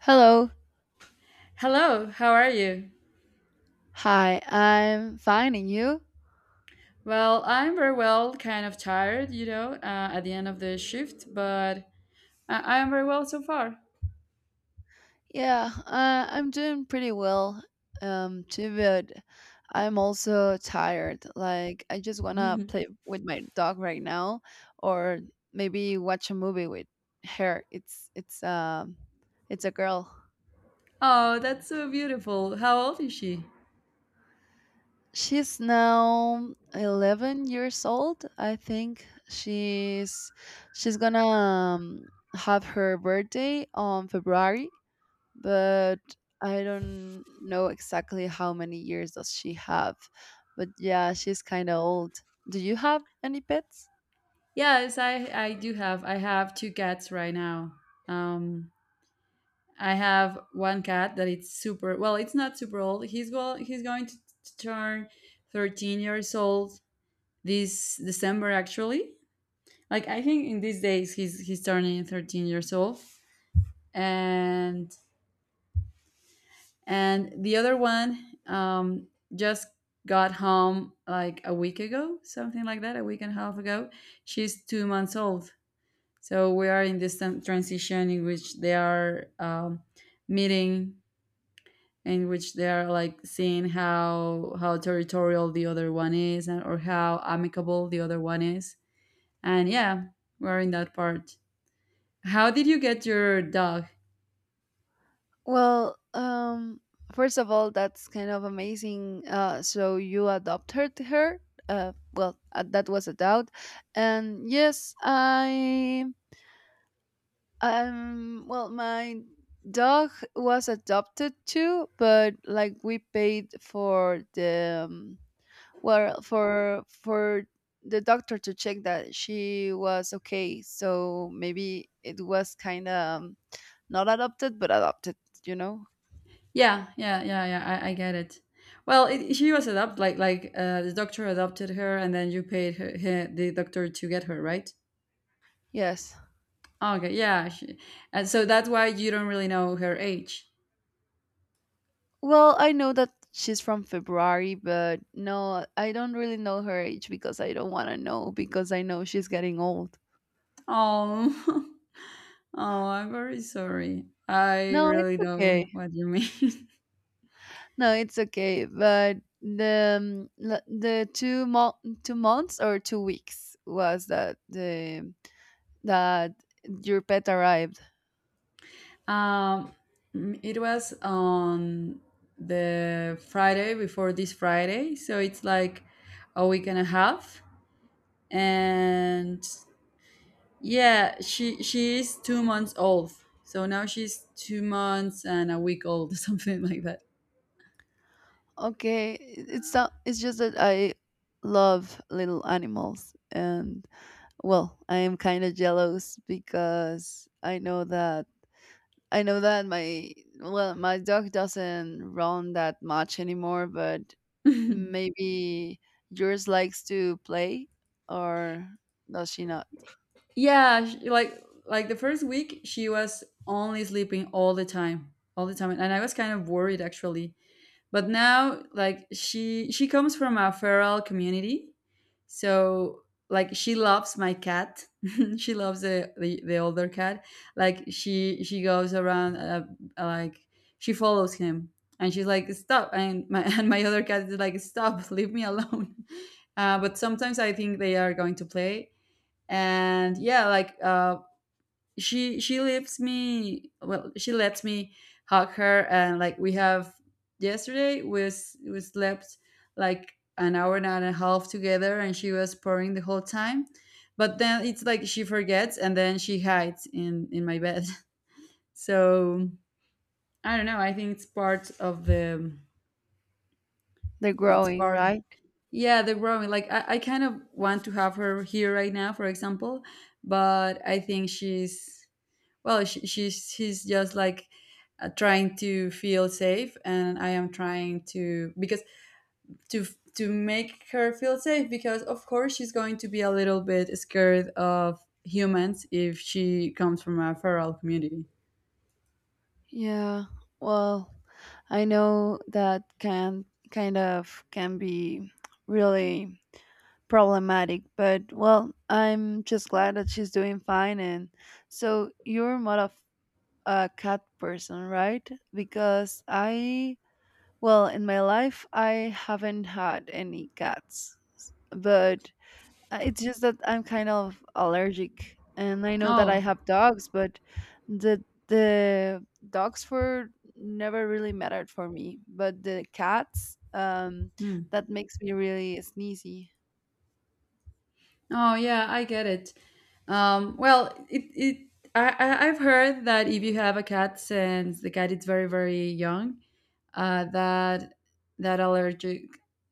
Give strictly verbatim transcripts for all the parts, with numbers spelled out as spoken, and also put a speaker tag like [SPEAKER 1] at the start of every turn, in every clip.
[SPEAKER 1] Hello.
[SPEAKER 2] Hello, how are you?
[SPEAKER 1] Hi. I'm fine, and you?
[SPEAKER 2] Well, I'm very well, kind of tired, you know, uh, at the end of the shift, but I- I'm very well so far.
[SPEAKER 1] Yeah, uh, I'm doing pretty well. Um, too good. I'm also tired. Like, I just wanna play with my dog right now, or maybe watch a movie with her. It's it's um, it's a girl.
[SPEAKER 2] Oh, that's so beautiful. How old is she?
[SPEAKER 1] She's now eleven years old years old. I think she's she's gonna um, have her birthday on February, but I don't know exactly how many years does she have. But yeah, she's kind of old. Do you have any pets?
[SPEAKER 2] Yes, I, I do have. I have two cats right now. Um, I have one cat that it's super, well, it's not super old. He's, go- he's going to, to turn thirteen years old this December, actually. Like, I think in these days he's, he's turning thirteen years old. And and the other one um, just got home like a week ago, something like that, a week and a half ago. She's two months old. So we are in this transition in which they are um, meeting, in which they are like seeing how how territorial the other one is, and, or how amicable the other one is. And yeah, we're in that part. How did you get your dog?
[SPEAKER 1] Well, um, first of all, that's kind of amazing. Uh, so you adopted her. Uh, well, uh, that was a doubt, and yes, I um, well, my dog was adopted too, but like we paid for the um, Well, for for the doctor to check that she was okay, so maybe it was kind of um, not adopted, but adopted, you know?
[SPEAKER 2] Yeah, yeah, yeah, yeah. I, I get it. Well, it, she was adopted, like like uh, the doctor adopted her, and then you paid her, he- the doctor to get her, right?
[SPEAKER 1] Yes.
[SPEAKER 2] Okay, yeah. She, and so that's why you don't really know her age.
[SPEAKER 1] Well, I know that she's from February, but no, I don't really know her age because I don't want to know because I know she's getting old.
[SPEAKER 2] Oh, oh, I'm very sorry. I
[SPEAKER 1] No, it's
[SPEAKER 2] really know
[SPEAKER 1] okay.
[SPEAKER 2] what you mean.
[SPEAKER 1] No, it's okay. But the um, l- the two mo- two months or two weeks was that the that your pet arrived.
[SPEAKER 2] um, mm, it was on the Friday before this Friday, so it's like a week and a half, and yeah, she she is two months old. So now she's two months and a week old, something like that.
[SPEAKER 1] Okay, it's so- it's just that I love little animals, and well, I am kind of jealous because I know that I know that my, well, my dog doesn't run that much anymore, but maybe yours likes to play, or does she not?
[SPEAKER 2] Yeah, she, like like the first week, she was only sleeping all the time, all the time, and I was kind of worried actually, but now like she she comes from a feral community, so like she loves my cat. She loves the, the the older cat. Like she she goes around, uh, like, she follows him and she's like stop, and my and my other cat is like stop leave me alone. uh, but sometimes I think they are going to play, and yeah, like, uh, she she leaves me, well, she lets me hug her, and like we have, yesterday we s- we slept like an hour and a half together and she was purring the whole time. But then it's like she forgets and then she hides in in my bed. So I don't know, I think it's part of the,
[SPEAKER 1] They're
[SPEAKER 2] it's
[SPEAKER 1] growing,
[SPEAKER 2] part,
[SPEAKER 1] right?
[SPEAKER 2] yeah, the growing. Like I, I kind of want to have her here right now, for example, but I think she's, well, she, she's she's just like, uh, trying to feel safe, and I am trying to, because to to make her feel safe, because of course she's going to be a little bit scared of humans if she comes from a feral community.
[SPEAKER 1] Yeah. Well, I know that can kind of can be really problematic, but well, I'm just glad that she's doing fine. And so you're more of a cat person, right? Because I, well, in my life, I haven't had any cats, but uh, it's just that I'm kind of allergic. And I know that I
[SPEAKER 2] Oh.
[SPEAKER 1] have dogs, but the the dogs were never really mattered for me. But the cats, um,
[SPEAKER 2] Hmm.
[SPEAKER 1] that makes me really sneezy.
[SPEAKER 2] Oh yeah, I get it. Um well, it it, I, I- I've heard that if you have a cat since the cat is very, very young, uh, that that allergic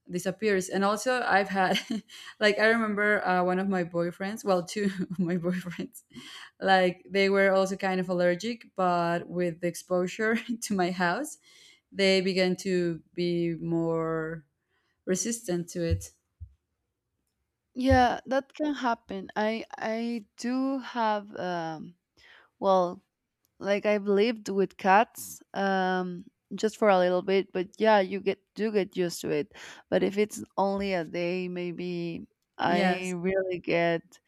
[SPEAKER 2] disappears. And also, I've had, like, I remember uh, one of my boyfriends, well, two of my boyfriends, like, they were also kind of allergic, but with the exposure to my house, they began to be more resistant to it.
[SPEAKER 1] Yeah, that can happen. I I do have um well, like I've lived with cats um just for a little bit, but yeah, you get do get used to it. But if it's only a day, maybe I
[SPEAKER 2] Yes.
[SPEAKER 1] really get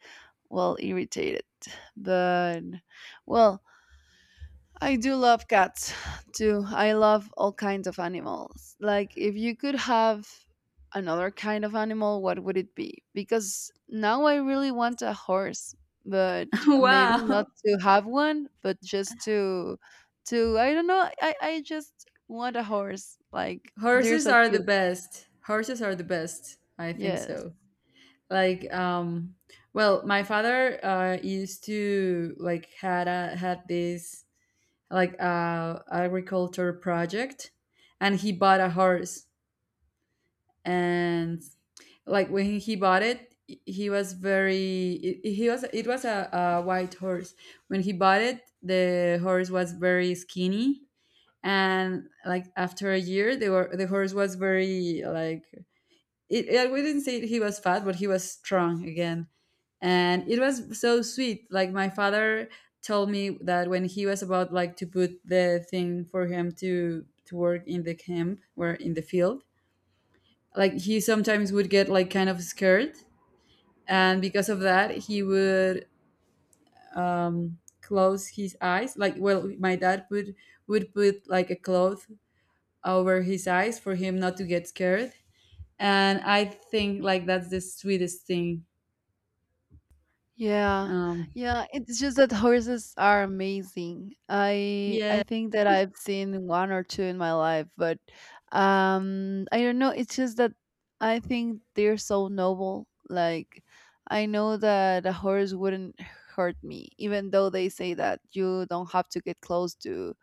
[SPEAKER 1] well irritated. But well, I do love cats too. I love all kinds of animals. Like, if you could have another kind of animal, what would it be? Because now I really want a horse, but maybe
[SPEAKER 2] Wow.
[SPEAKER 1] not to have one, but just to, to I don't know. I I just want a horse. Like they're
[SPEAKER 2] Horses
[SPEAKER 1] so
[SPEAKER 2] are the
[SPEAKER 1] cute.
[SPEAKER 2] best. Horses are the best. I think
[SPEAKER 1] Yes.
[SPEAKER 2] so. Like, um well, my father uh used to, like, had a had this like uh agriculture project, and he bought a horse. And like when he bought it, he was very, it- he was, it was a, a white horse. When he bought it the horse was very skinny, and like after a year they were the horse was very, like, it, I wouldn't say he was fat but he was strong again. And it was so sweet. Like my father told me that when he was about, like, to put the thing for him to to work in the camp or in the field, like he sometimes would get like kind of scared, and because of that he would, um, close his eyes, like, well, my dad would would put like a cloth over his eyes for him not to get scared. And I think like that's the sweetest thing.
[SPEAKER 1] Yeah,
[SPEAKER 2] um
[SPEAKER 1] yeah. It's just that horses are amazing. I I
[SPEAKER 2] yeah.
[SPEAKER 1] think that I've seen one or two in my life, but um, I don't know. It's just that I think they're so noble. Like I know that a horse wouldn't hurt me, even though they say that you don't have to get close to,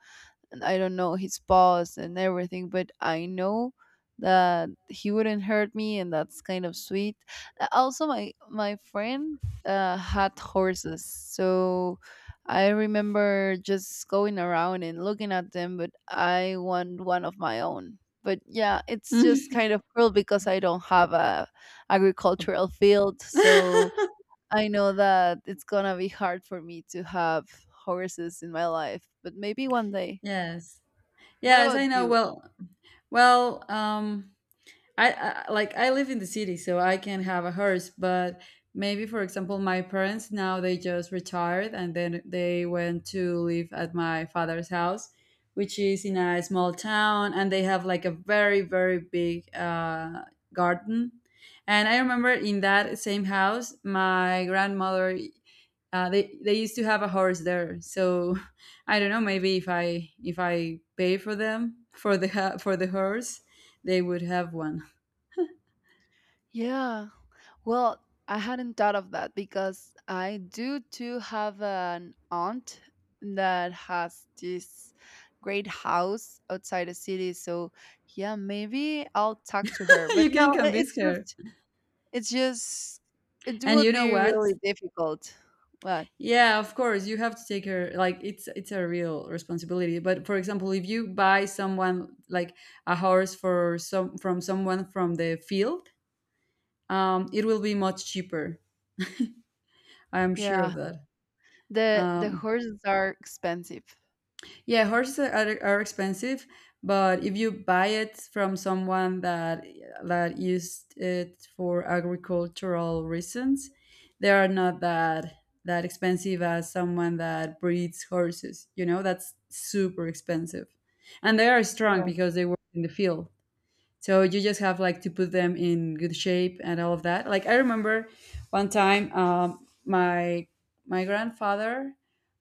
[SPEAKER 1] and I don't know his paws and everything, but I know that he wouldn't hurt me, and that's kind of sweet. Uh, Also, my my friend uh, had horses, so I remember just going around and looking at them, but I want one of my own. But yeah, it's just kind of cruel because I don't have a agricultural field, so I know that it's gonna be hard for me to have horses in my life, but maybe one day.
[SPEAKER 2] Yes.
[SPEAKER 1] What
[SPEAKER 2] Yes,
[SPEAKER 1] about
[SPEAKER 2] I know.
[SPEAKER 1] you?
[SPEAKER 2] Well, well, um, I, I, like, I live in the city, so I can have a horse. But maybe, for example, my parents now they just retired, and then they went to live at my father's house, which is in a small town, and they have like a very very big uh, garden. And I remember in that same house, my grandmother, uh, they they used to have a horse there, so I don't know, maybe if I if i pay for them for the ha- for the horse they would have one.
[SPEAKER 1] Yeah. Well, I hadn't thought of that because I do too have an aunt that has this great house outside the city. So yeah, maybe I'll talk to her. But
[SPEAKER 2] You
[SPEAKER 1] no,
[SPEAKER 2] can
[SPEAKER 1] i-
[SPEAKER 2] convince
[SPEAKER 1] it's
[SPEAKER 2] her.
[SPEAKER 1] just it's just it
[SPEAKER 2] And you
[SPEAKER 1] would
[SPEAKER 2] know
[SPEAKER 1] be
[SPEAKER 2] what,
[SPEAKER 1] really difficult. But
[SPEAKER 2] yeah, of course you have to take her, like, it's it's a real responsibility, but for example if you buy someone like a horse for some, from someone from the field, um, it will be much cheaper. I'm sure of
[SPEAKER 1] yeah,
[SPEAKER 2] that.
[SPEAKER 1] the the
[SPEAKER 2] um,
[SPEAKER 1] horses are expensive.
[SPEAKER 2] Yeah, horses are, are are expensive, but if you buy it from someone that that used it for agricultural reasons, they are not that that expensive as someone that breeds horses. You know, that's super expensive, and they are strong
[SPEAKER 1] Yeah.
[SPEAKER 2] because they work in the field, so you just have like to put them in good shape and all of that. Like I remember one time, um, my my grandfather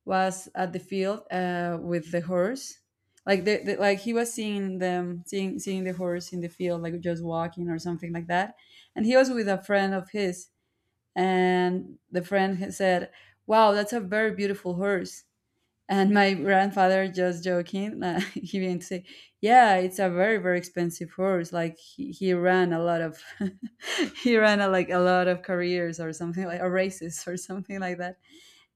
[SPEAKER 2] was at the field, uh, with the horse, like the, the, like he was seeing them, seeing seeing the horse in the field, like just walking or something like that. And he was with a friend of his, and the friend had said, wow, that's a very beautiful horse. And my grandfather, just joking, uh, he began to say, "Yeah, it's a very very expensive horse. Like he, he ran a lot of, he ran a, like a lot of careers or something, like, or races or something like that."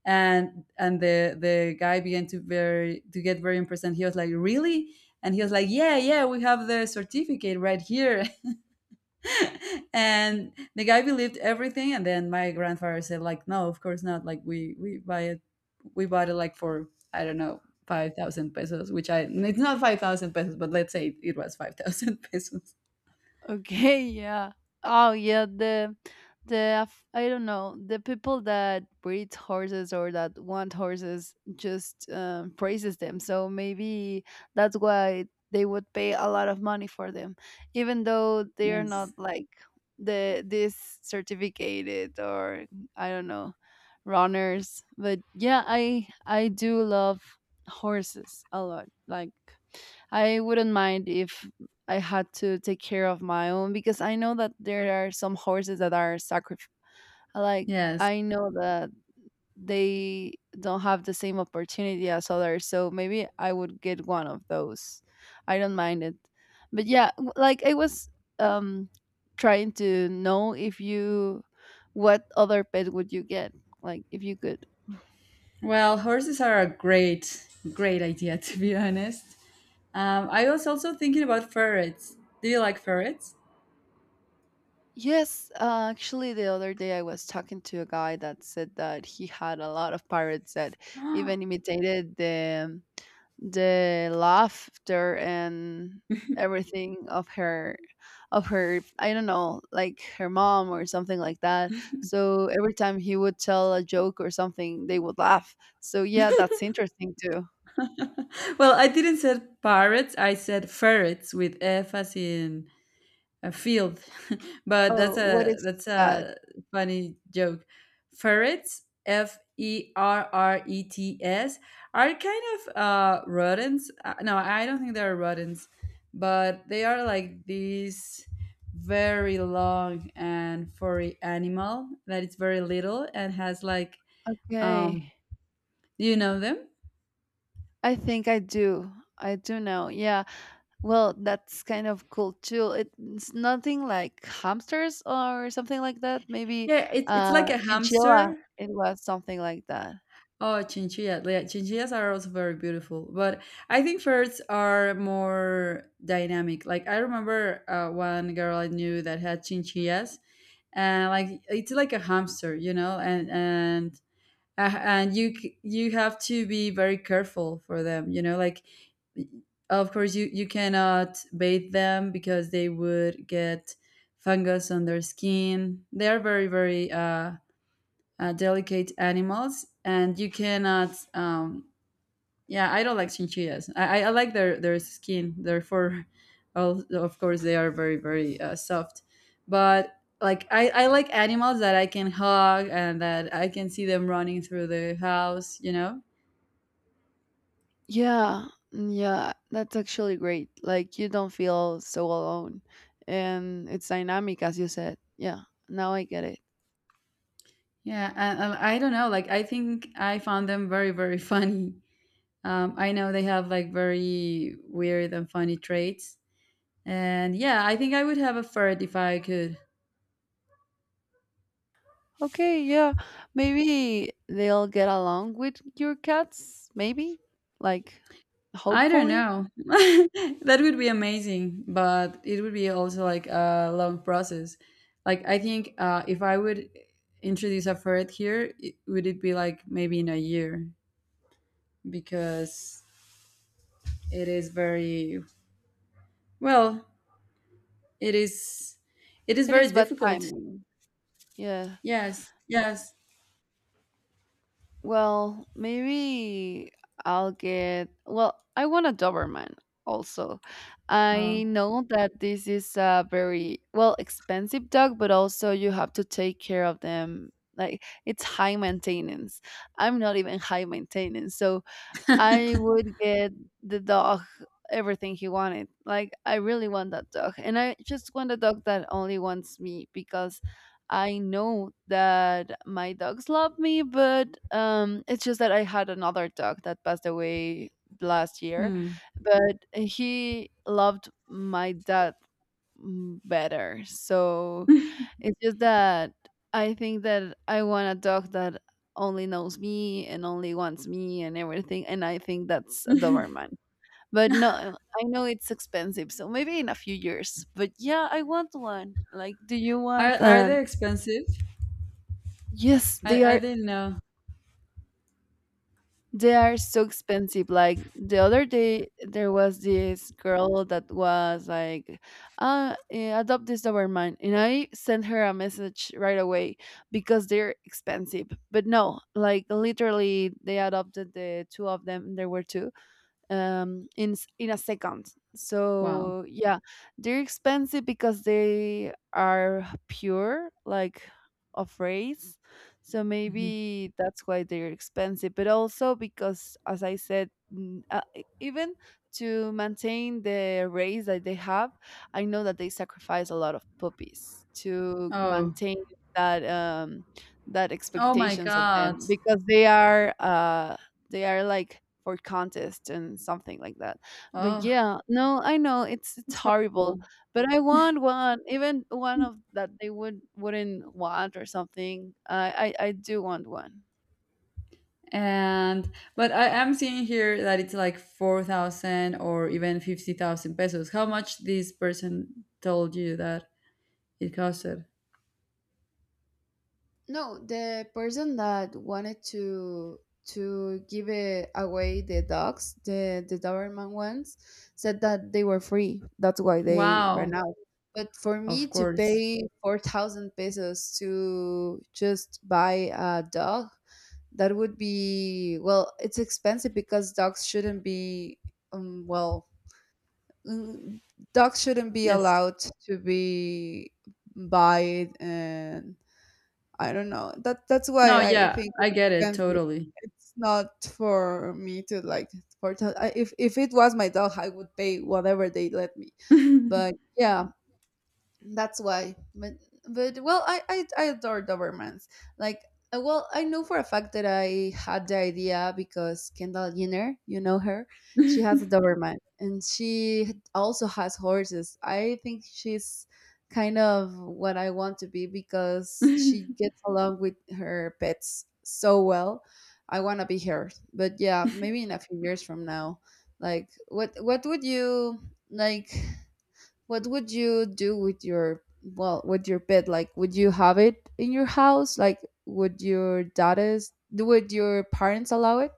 [SPEAKER 2] And and the the guy began to very to get very impressed. And he was like, "Really?" And he was like, "Yeah, yeah, we have the certificate right here." And the guy believed everything, and then my grandfather said like, no, of course not, like we we buy it, we bought it like for, I don't know, five thousand pesos, which i, it's not five thousand pesos, but let's say it was five thousand pesos.
[SPEAKER 1] Okay, yeah. Oh, yeah. The the af- I don't know, the people that breed horses or that want horses just um, praises them. So maybe that's why they would pay a lot of money for them, even though they are not
[SPEAKER 2] Yes,
[SPEAKER 1] like the this certificated or I don't know, runners. But yeah, I I do love horses a lot. Like I wouldn't mind if I had to take care of my own because I know that there are some horses that are sacrificed. Like,
[SPEAKER 2] yes.
[SPEAKER 1] I know that they don't have the same opportunity as others. So maybe I would get one of those. I don't mind it. But yeah, w- like I was um, trying to know if you, what other pet would you get? Like, if you could.
[SPEAKER 2] Well, horses are a great great idea to be honest. um, I was also thinking about ferrets. Do you like ferrets?
[SPEAKER 1] Yes, uh, actually, the other day I was talking to a guy that said that he had a lot of pirates that even imitated the the laughter and everything of her, of her I don't know, like her mom or something like that. So every time he would tell a joke or something, they would laugh. So yeah, that's interesting too.
[SPEAKER 2] Well, I didn't say parrots, I said ferrets, with f as in a field. But that's
[SPEAKER 1] Oh, what
[SPEAKER 2] a,
[SPEAKER 1] is
[SPEAKER 2] that's
[SPEAKER 1] that?
[SPEAKER 2] a funny joke. Ferrets, f e r r e t s, are kind of uh rodents. Uh, no, I don't think they're rodents, but they are like these very long and furry animal that is very little and has like,
[SPEAKER 1] Okay.
[SPEAKER 2] um do you know them?
[SPEAKER 1] I think I do. I do know. Yeah. Well, that's kind of cool too. It- It's nothing like hamsters or something like that. Maybe
[SPEAKER 2] Yeah, it's it's
[SPEAKER 1] uh,
[SPEAKER 2] like a
[SPEAKER 1] chinchilla.
[SPEAKER 2] hamster.
[SPEAKER 1] It was something like that.
[SPEAKER 2] Oh, chinchillas. Yeah, chinchillas are also very beautiful. But I think ferrets are more dynamic. Like, I remember uh, one girl I knew that had chinchillas. And, like, it's like a hamster, you know? And, and, uh, and you c- you have to be very careful for them, you know, like of course you you cannot bathe them because they would get fungus on their skin. They are very very uh uh, delicate animals, and you cannot. Um, yeah, I don't like chinchillas. I, I I like their their skin. Their fur, al- of course, they are very very uh, soft. But like I, I like animals that I can hug and that I can see them running through the house. You know.
[SPEAKER 1] Yeah, mm, yeah, that's actually great. Like you don't feel so alone, and it's dynamic, as you said. Yeah, now I get it.
[SPEAKER 2] Yeah, and, and I don't know. Like I think I found them very very funny. Um, I know they have like very weird and funny traits. And yeah, I think I would have a ferret if I could.
[SPEAKER 1] Okay, yeah, maybe they'll get along with your cats. Maybe, like,
[SPEAKER 2] I don't
[SPEAKER 1] hopefully,
[SPEAKER 2] know. That would be amazing, but it would be also like a long process. Like I think, uh, if I would introduce a ferret here, it, would it be like maybe in a year, because it is very, well. It is it is
[SPEAKER 1] it
[SPEAKER 2] very
[SPEAKER 1] is bad
[SPEAKER 2] difficult.
[SPEAKER 1] timing. Yeah.
[SPEAKER 2] Yes, yes.
[SPEAKER 1] Well, maybe I'll get. Well, I want a Doberman also. I
[SPEAKER 2] Wow.
[SPEAKER 1] know that this is a very, well, expensive dog, but also you have to take care of them. Like, it's high maintenance. I'm not even high maintenance. So I would get the dog everything he wanted. Like, I really want that dog. And I just want a dog that only wants me because I know that my dogs love me, but um, it's just that I had another dog that passed away last year,
[SPEAKER 2] Hmm.
[SPEAKER 1] but he loved my dad mm, better. So it's just that I think that I want a dog that only knows me and only wants me and everything. And I think that's a Doberman. But no, uh, I know it's expensive. So maybe in a few years. But yeah, I want one. Like, do you
[SPEAKER 2] Are
[SPEAKER 1] want
[SPEAKER 2] are they
[SPEAKER 1] an?
[SPEAKER 2] expensive?
[SPEAKER 1] Yes, they
[SPEAKER 2] I I
[SPEAKER 1] are.
[SPEAKER 2] didn't know.
[SPEAKER 1] They are so expensive. Like the other day, there was this girl that was like, uh, eh, adopt this Doberman. And I sent her a message right away because they're expensive. But no, like literally, they adopted the two of them. There were two um in s- in a second,
[SPEAKER 2] Wow.
[SPEAKER 1] so yeah, they're expensive because they are pure, like of race, so
[SPEAKER 2] Mhm.
[SPEAKER 1] maybe that's why they're expensive, but also because as I said, mm, uh, e- even to maintain the race that they have, I know that they sacrifice a lot of puppies to
[SPEAKER 2] Oh.
[SPEAKER 1] maintain that um that
[SPEAKER 2] Oh my
[SPEAKER 1] expectations of
[SPEAKER 2] God.
[SPEAKER 1] them because they are uh they are like for contest and something like that. But
[SPEAKER 2] Oh,
[SPEAKER 1] yeah, no, I know it's it's
[SPEAKER 2] it's
[SPEAKER 1] horrible,
[SPEAKER 2] horrible.
[SPEAKER 1] but I want one, even one of that they would wouldn't want or something. I I, I do want one.
[SPEAKER 2] And but I am seeing here that it's like four thousand or even fifty thousand pesos. How much this person told you that it costed?
[SPEAKER 1] No, the person that wanted to to give it away the dogs, the the Doberman ones, said that they were free. That's why they ran
[SPEAKER 2] Wow,
[SPEAKER 1] out. But for
[SPEAKER 2] of
[SPEAKER 1] me to
[SPEAKER 2] course.
[SPEAKER 1] pay four thousand pesos to just buy a dog, that would be, well, it's expensive because dogs shouldn't be um well mm, dogs shouldn't be
[SPEAKER 2] Yes.
[SPEAKER 1] allowed to be buy, uh, I don't know. That that's
[SPEAKER 2] No,
[SPEAKER 1] why I
[SPEAKER 2] yeah,
[SPEAKER 1] think
[SPEAKER 2] I
[SPEAKER 1] it's
[SPEAKER 2] get it
[SPEAKER 1] expensive.
[SPEAKER 2] totally.
[SPEAKER 1] It's not for me to like for t- I- if if it was my dog, I would pay whatever they let me. But yeah, that's why, but but well i i, I adore dobermans like, uh, well I know for a fact that I had the idea because Kendall Jenner, you know her, she has a Doberman and she also has horses. I think she's kind of what I want to be because she gets along with her pets so well. I want to be her. But yeah, maybe in a few years from now. Like what what would you like, what would you do with your, well, with your pet? Like, would you have it in your house? Like, would your daughters, would your parents allow it?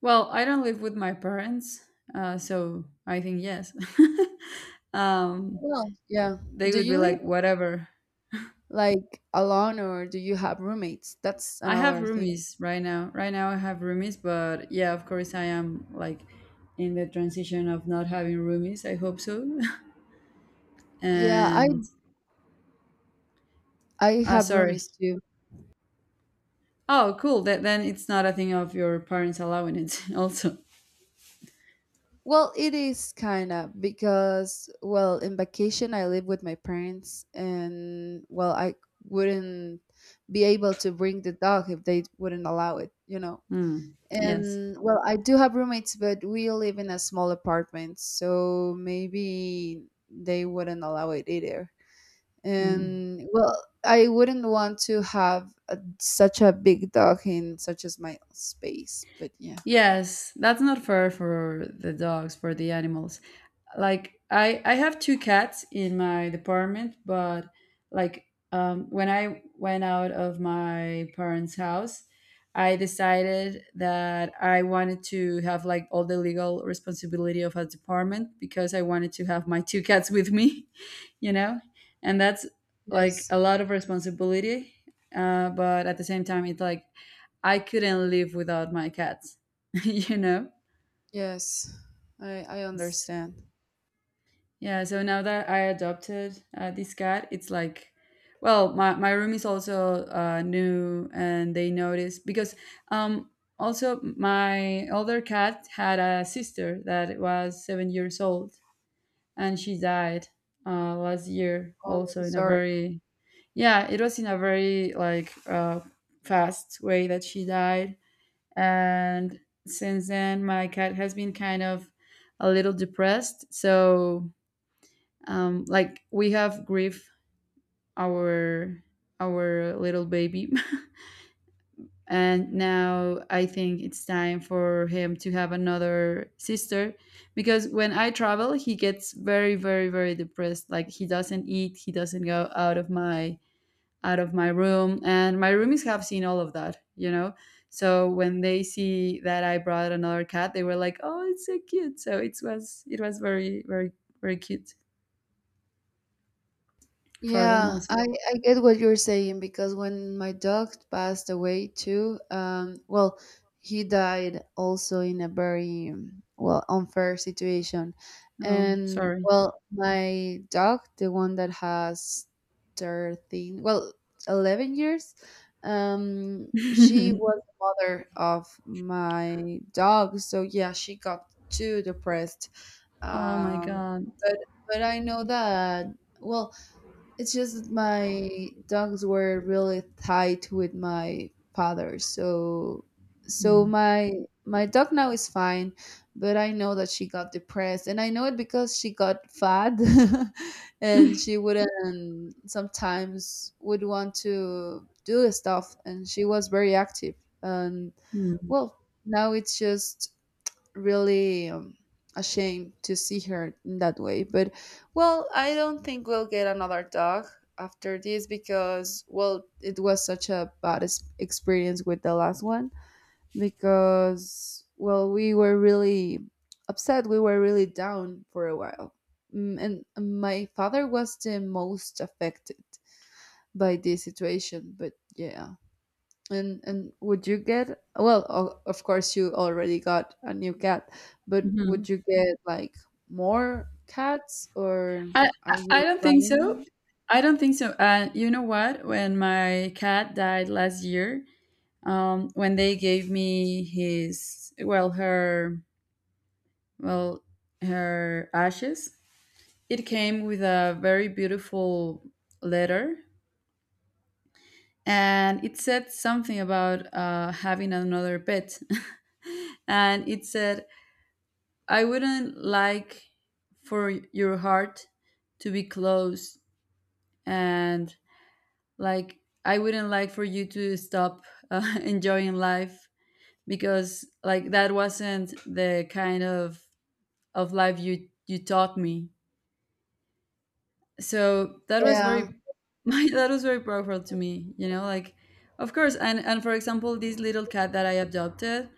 [SPEAKER 2] Well, I don't live with my parents, uh, so I think yes. um,
[SPEAKER 1] Well, yeah.
[SPEAKER 2] they
[SPEAKER 1] Do
[SPEAKER 2] would be
[SPEAKER 1] you live
[SPEAKER 2] like, whatever.
[SPEAKER 1] like alone or do you have roommates? That's
[SPEAKER 2] I have
[SPEAKER 1] another thing.
[SPEAKER 2] roomies right now. Right now I have roomies, but yeah, of course I am like in the transition of not having roomies. I hope so.
[SPEAKER 1] Yeah, I
[SPEAKER 2] and
[SPEAKER 1] I
[SPEAKER 2] ah,
[SPEAKER 1] have
[SPEAKER 2] sorry.
[SPEAKER 1] roomies too.
[SPEAKER 2] Oh, cool. That then it's not a thing of your parents allowing it. Also,
[SPEAKER 1] Well, it is kind of because well, in vacation I live with my parents and well, I wouldn't be able to bring the dog if they wouldn't allow it, you know.
[SPEAKER 2] Hmm. Yes,
[SPEAKER 1] And well, I do have roommates, but we live in a small apartment, so maybe they wouldn't allow it either.
[SPEAKER 2] Hmm.
[SPEAKER 1] And well, I wouldn't want to have a, such a big dog in such as my space, but yeah.
[SPEAKER 2] Yes. That's not fair for the dogs, for the animals. Like i i have two cats in my department, but like um when I went out of my parents house, I decided that I wanted to have like all the legal responsibility of a department because I wanted to have my two cats with me. you know and that's like
[SPEAKER 1] Yes.
[SPEAKER 2] a lot of responsibility, uh, but at the same time it's like I couldn't live without my cats. you know
[SPEAKER 1] Yes. I I understand.
[SPEAKER 2] Yeah, so now that I adopted uh, this cat, it's like, well, my, my room is also uh, new, and they noticed because um, also my older cat had a sister that was seven years old, and she died uh, last year
[SPEAKER 1] Oh, I'm so
[SPEAKER 2] also in a
[SPEAKER 1] sorry.
[SPEAKER 2] very, yeah, it was in a very like uh, fast way that she died. And since then, my cat has been kind of a little depressed. So um, like we have grief our our little baby. And now I think it's time for him to have another sister, because when I travel he gets very, very, very depressed. Like, he doesn't eat, he doesn't go out of my out of my room, and my roomies have seen all of that, you know. So when they see that I brought another cat, they were like, "Oh, it's so cute." So it was, it was very, very, very cute for them
[SPEAKER 1] Yeah,
[SPEAKER 2] also.
[SPEAKER 1] I, I get what you're saying because when my dog passed away too, um, well, he died also in a very um, well, unfair situation.
[SPEAKER 2] Oh,
[SPEAKER 1] And,
[SPEAKER 2] sorry.
[SPEAKER 1] well, my dog, the one that has thirteen, well, eleven years, um, she was the mother of my dog, so yeah, she got too depressed.
[SPEAKER 2] Oh my
[SPEAKER 1] Um,
[SPEAKER 2] God.
[SPEAKER 1] but but I know that, well, it's just that my dogs were really tight with my father, so so
[SPEAKER 2] Mm.
[SPEAKER 1] my my dog now is fine, but I know that she got depressed, and I know it because she got fat, and
[SPEAKER 2] Mm.
[SPEAKER 1] she wouldn't sometimes would want to do stuff, and she was very active. And, well, now it's just really um, ashamed to see her in that way. But, well, I don't think we'll get another dog after this because, well, it was such a bad es- experience with the last one because, well, we were really upset. We were really down for a while. Mm, And my father was the most affected by this situation, but yeah. And and would you get, well, o- of course you already got a new cat, but
[SPEAKER 2] Mhm.
[SPEAKER 1] would you get like more cats, or
[SPEAKER 2] I, I
[SPEAKER 1] are
[SPEAKER 2] I
[SPEAKER 1] you
[SPEAKER 2] don't think so.
[SPEAKER 1] planning?
[SPEAKER 2] I don't think so. And you know what? When my cat died last year, um, when they gave me his, well, her, well, her ashes, it came with a very beautiful letter, and it said something about uh, having another pet, and it said, "I wouldn't like for your heart to be closed, and like I wouldn't like for you to stop uh, enjoying life, because like that wasn't the kind of of life you you taught me." So that was
[SPEAKER 1] Yeah.
[SPEAKER 2] very my that was very powerful to me, you know. Like, of course. and and for example, this little cat that I adopted,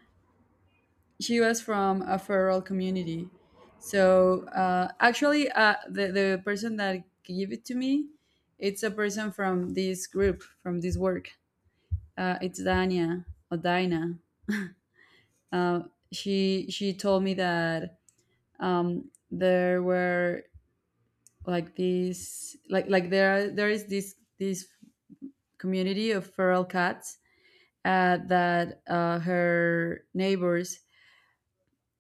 [SPEAKER 2] she was from a feral community. So uh, actually, uh, the the person that gave it to me, it's a person from this group, from this work. Uh, it's Dania or Dina. Uh, she she told me that um, there were like these like like there there is this this community of feral cats, uh, that uh, her neighbors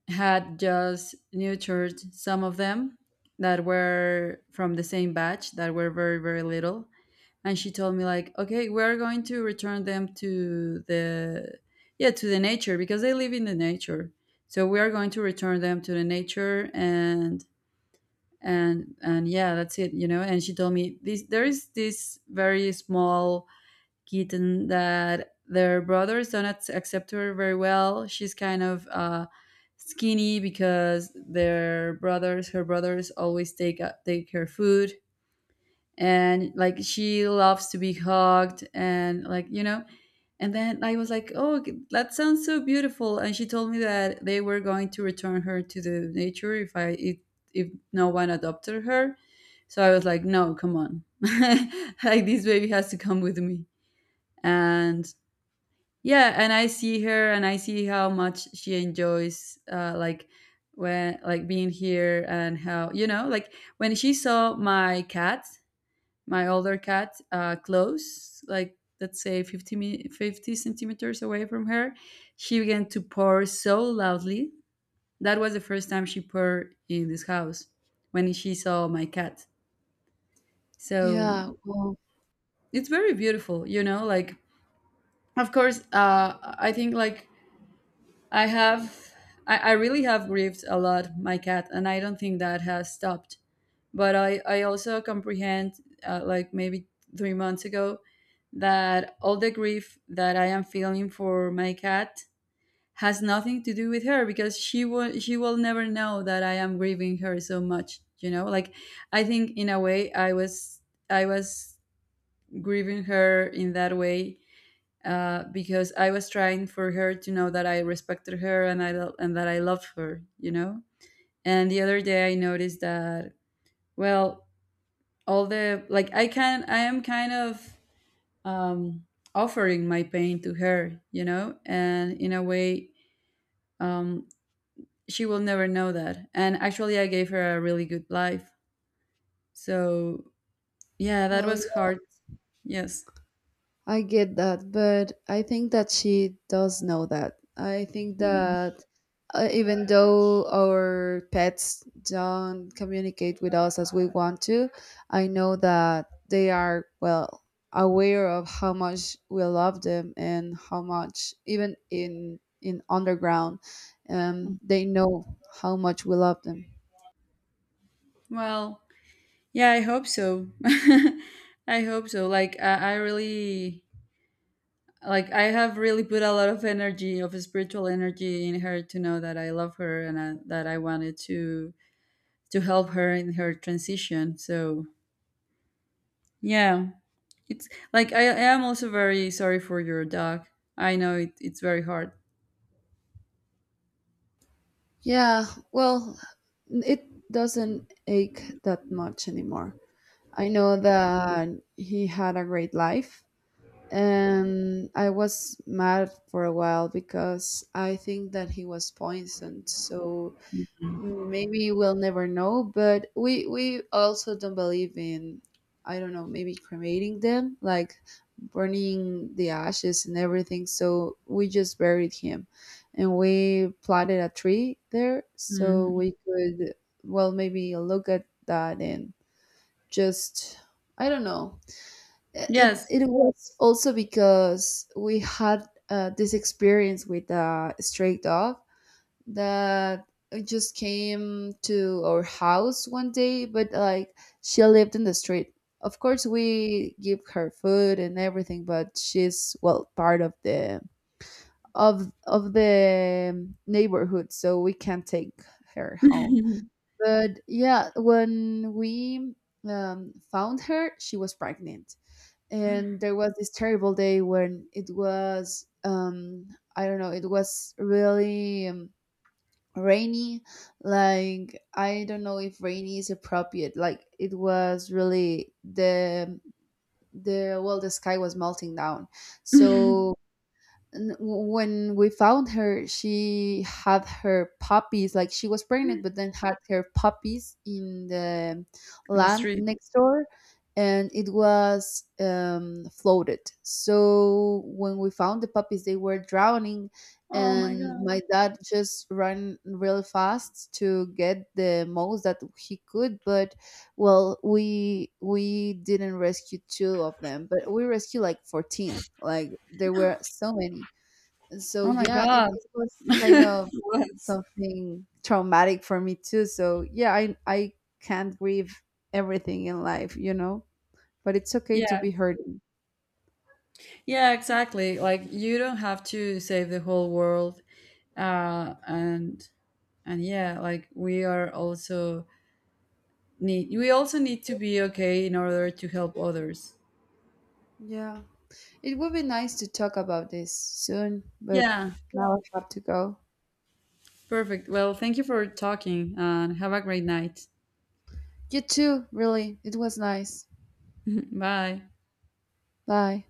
[SPEAKER 2] had just nurtured some of them that were from the same batch, that were very, very little. And she told me like, "Okay, we're going to return them to the yeah to the nature, because they live in the nature. So we are going to return them to the nature." And and and yeah, that's it, you know. And she told me this, there is this very small Keaton, that their brothers don't ac- accept her very well. She's kind of uh, skinny, because their brothers, her brothers, always take uh, take her food, and like she loves to be hugged and like, you know. And then I was like, "Oh, that sounds so beautiful." And she told me that they were going to return her to the nature if I if, if no one adopted her. So I was like, "No, come on, like this baby has to come with me." And yeah, and I see her and I see how much she enjoys uh like when like being here and how, you know, like when she saw my cat, my older cat, uh close, like let's say 50 mi- fifty centimeters away from her, she began to purr so loudly. That was the first time she purred in this house, when she saw my cat. So
[SPEAKER 1] Yeah. Well,
[SPEAKER 2] it's very beautiful, you know. Like, of course uh I think like I have, I, I really have grieved a lot my cat, and I don't think that has stopped. But I, I also comprehend, uh, like maybe three months ago, that all the grief that I am feeling for my cat has nothing to do with her, because she will, she will never know that I am grieving her so much. You know, like I think in a way I was, I was grieving her in that way, uh, because I was trying for her to know that I respected her and I lo- and that I loved her, you know. And the other day I noticed that, well, all the like I can I am kind of um, offering my pain to her, you know, and in a way um, she will never know that. And actually, I gave her a really good life. So yeah, that
[SPEAKER 1] well
[SPEAKER 2] was hard. Yes.
[SPEAKER 1] I get that, but I think that she does know that. I think
[SPEAKER 2] Mm.
[SPEAKER 1] that uh, even though our pets don't communicate with us as we want to, I know that they are, well, aware of how much we love them and how much, even in in underground, um, they know how much we love them.
[SPEAKER 2] Well, yeah, I hope so. I hope so. Like I, I really like I have really put a lot of energy, of spiritual energy in her to know that I love her and I, that I wanted to to help her in her transition. So, yeah, it's like I, I am also very sorry for your dog. I know it, it's very hard.
[SPEAKER 1] Yeah, well, it doesn't ache that much anymore. I know that he had a great life. And I was mad for a while because I think that he was poisoned. So maybe we'll never know. But we, we also don't believe in, I don't know, maybe cremating them, like burning the ashes and everything. So we just buried him and we planted a tree there so
[SPEAKER 2] Mhm.
[SPEAKER 1] we could, well, maybe look at that and just I don't know, it
[SPEAKER 2] Yes.
[SPEAKER 1] it was also because we had uh, this experience with a stray dog that it just came to our house one day, but, like, she lived in the street. Of course we give her food and everything, but she's, well, part of the of of the neighborhood, so we can't take her home. But yeah, when we um, found her, she was pregnant. And there was this terrible day when it was, um, I don't know, it was really um, rainy. Like, I don't know if rainy is appropriate. Like, it was really the, the, well, the sky was melting down.
[SPEAKER 2] In
[SPEAKER 1] So n- w- when we found her, she had her puppies, like, she was pregnant, but then had her puppies in the
[SPEAKER 2] the
[SPEAKER 1] land
[SPEAKER 2] street.
[SPEAKER 1] next door, and it was um, floated, so when we found the puppies they were drowning,
[SPEAKER 2] Oh my
[SPEAKER 1] and
[SPEAKER 2] god.
[SPEAKER 1] my dad just ran real fast to get the most that he could. But, well, we we didn't rescue two of them, but we rescued like fourteen, like there were so many. So
[SPEAKER 2] Oh my
[SPEAKER 1] yeah, it,
[SPEAKER 2] god.
[SPEAKER 1] it was kind of
[SPEAKER 2] What?
[SPEAKER 1] something traumatic for me too. So yeah, I I can't grieve everything in life, you know, but it's okay to
[SPEAKER 2] Yeah.
[SPEAKER 1] be hurting.
[SPEAKER 2] Yeah, exactly. Like you don't have to save the whole world, uh, and and yeah, like we are also need we also need to be okay in order to help others.
[SPEAKER 1] Yeah. It would be nice to talk about this soon, but
[SPEAKER 2] Yeah,
[SPEAKER 1] now I have to go.
[SPEAKER 2] perfect. Well, thank you for talking, and have a great night.
[SPEAKER 1] You too, really. It was nice.
[SPEAKER 2] Bye.
[SPEAKER 1] Bye.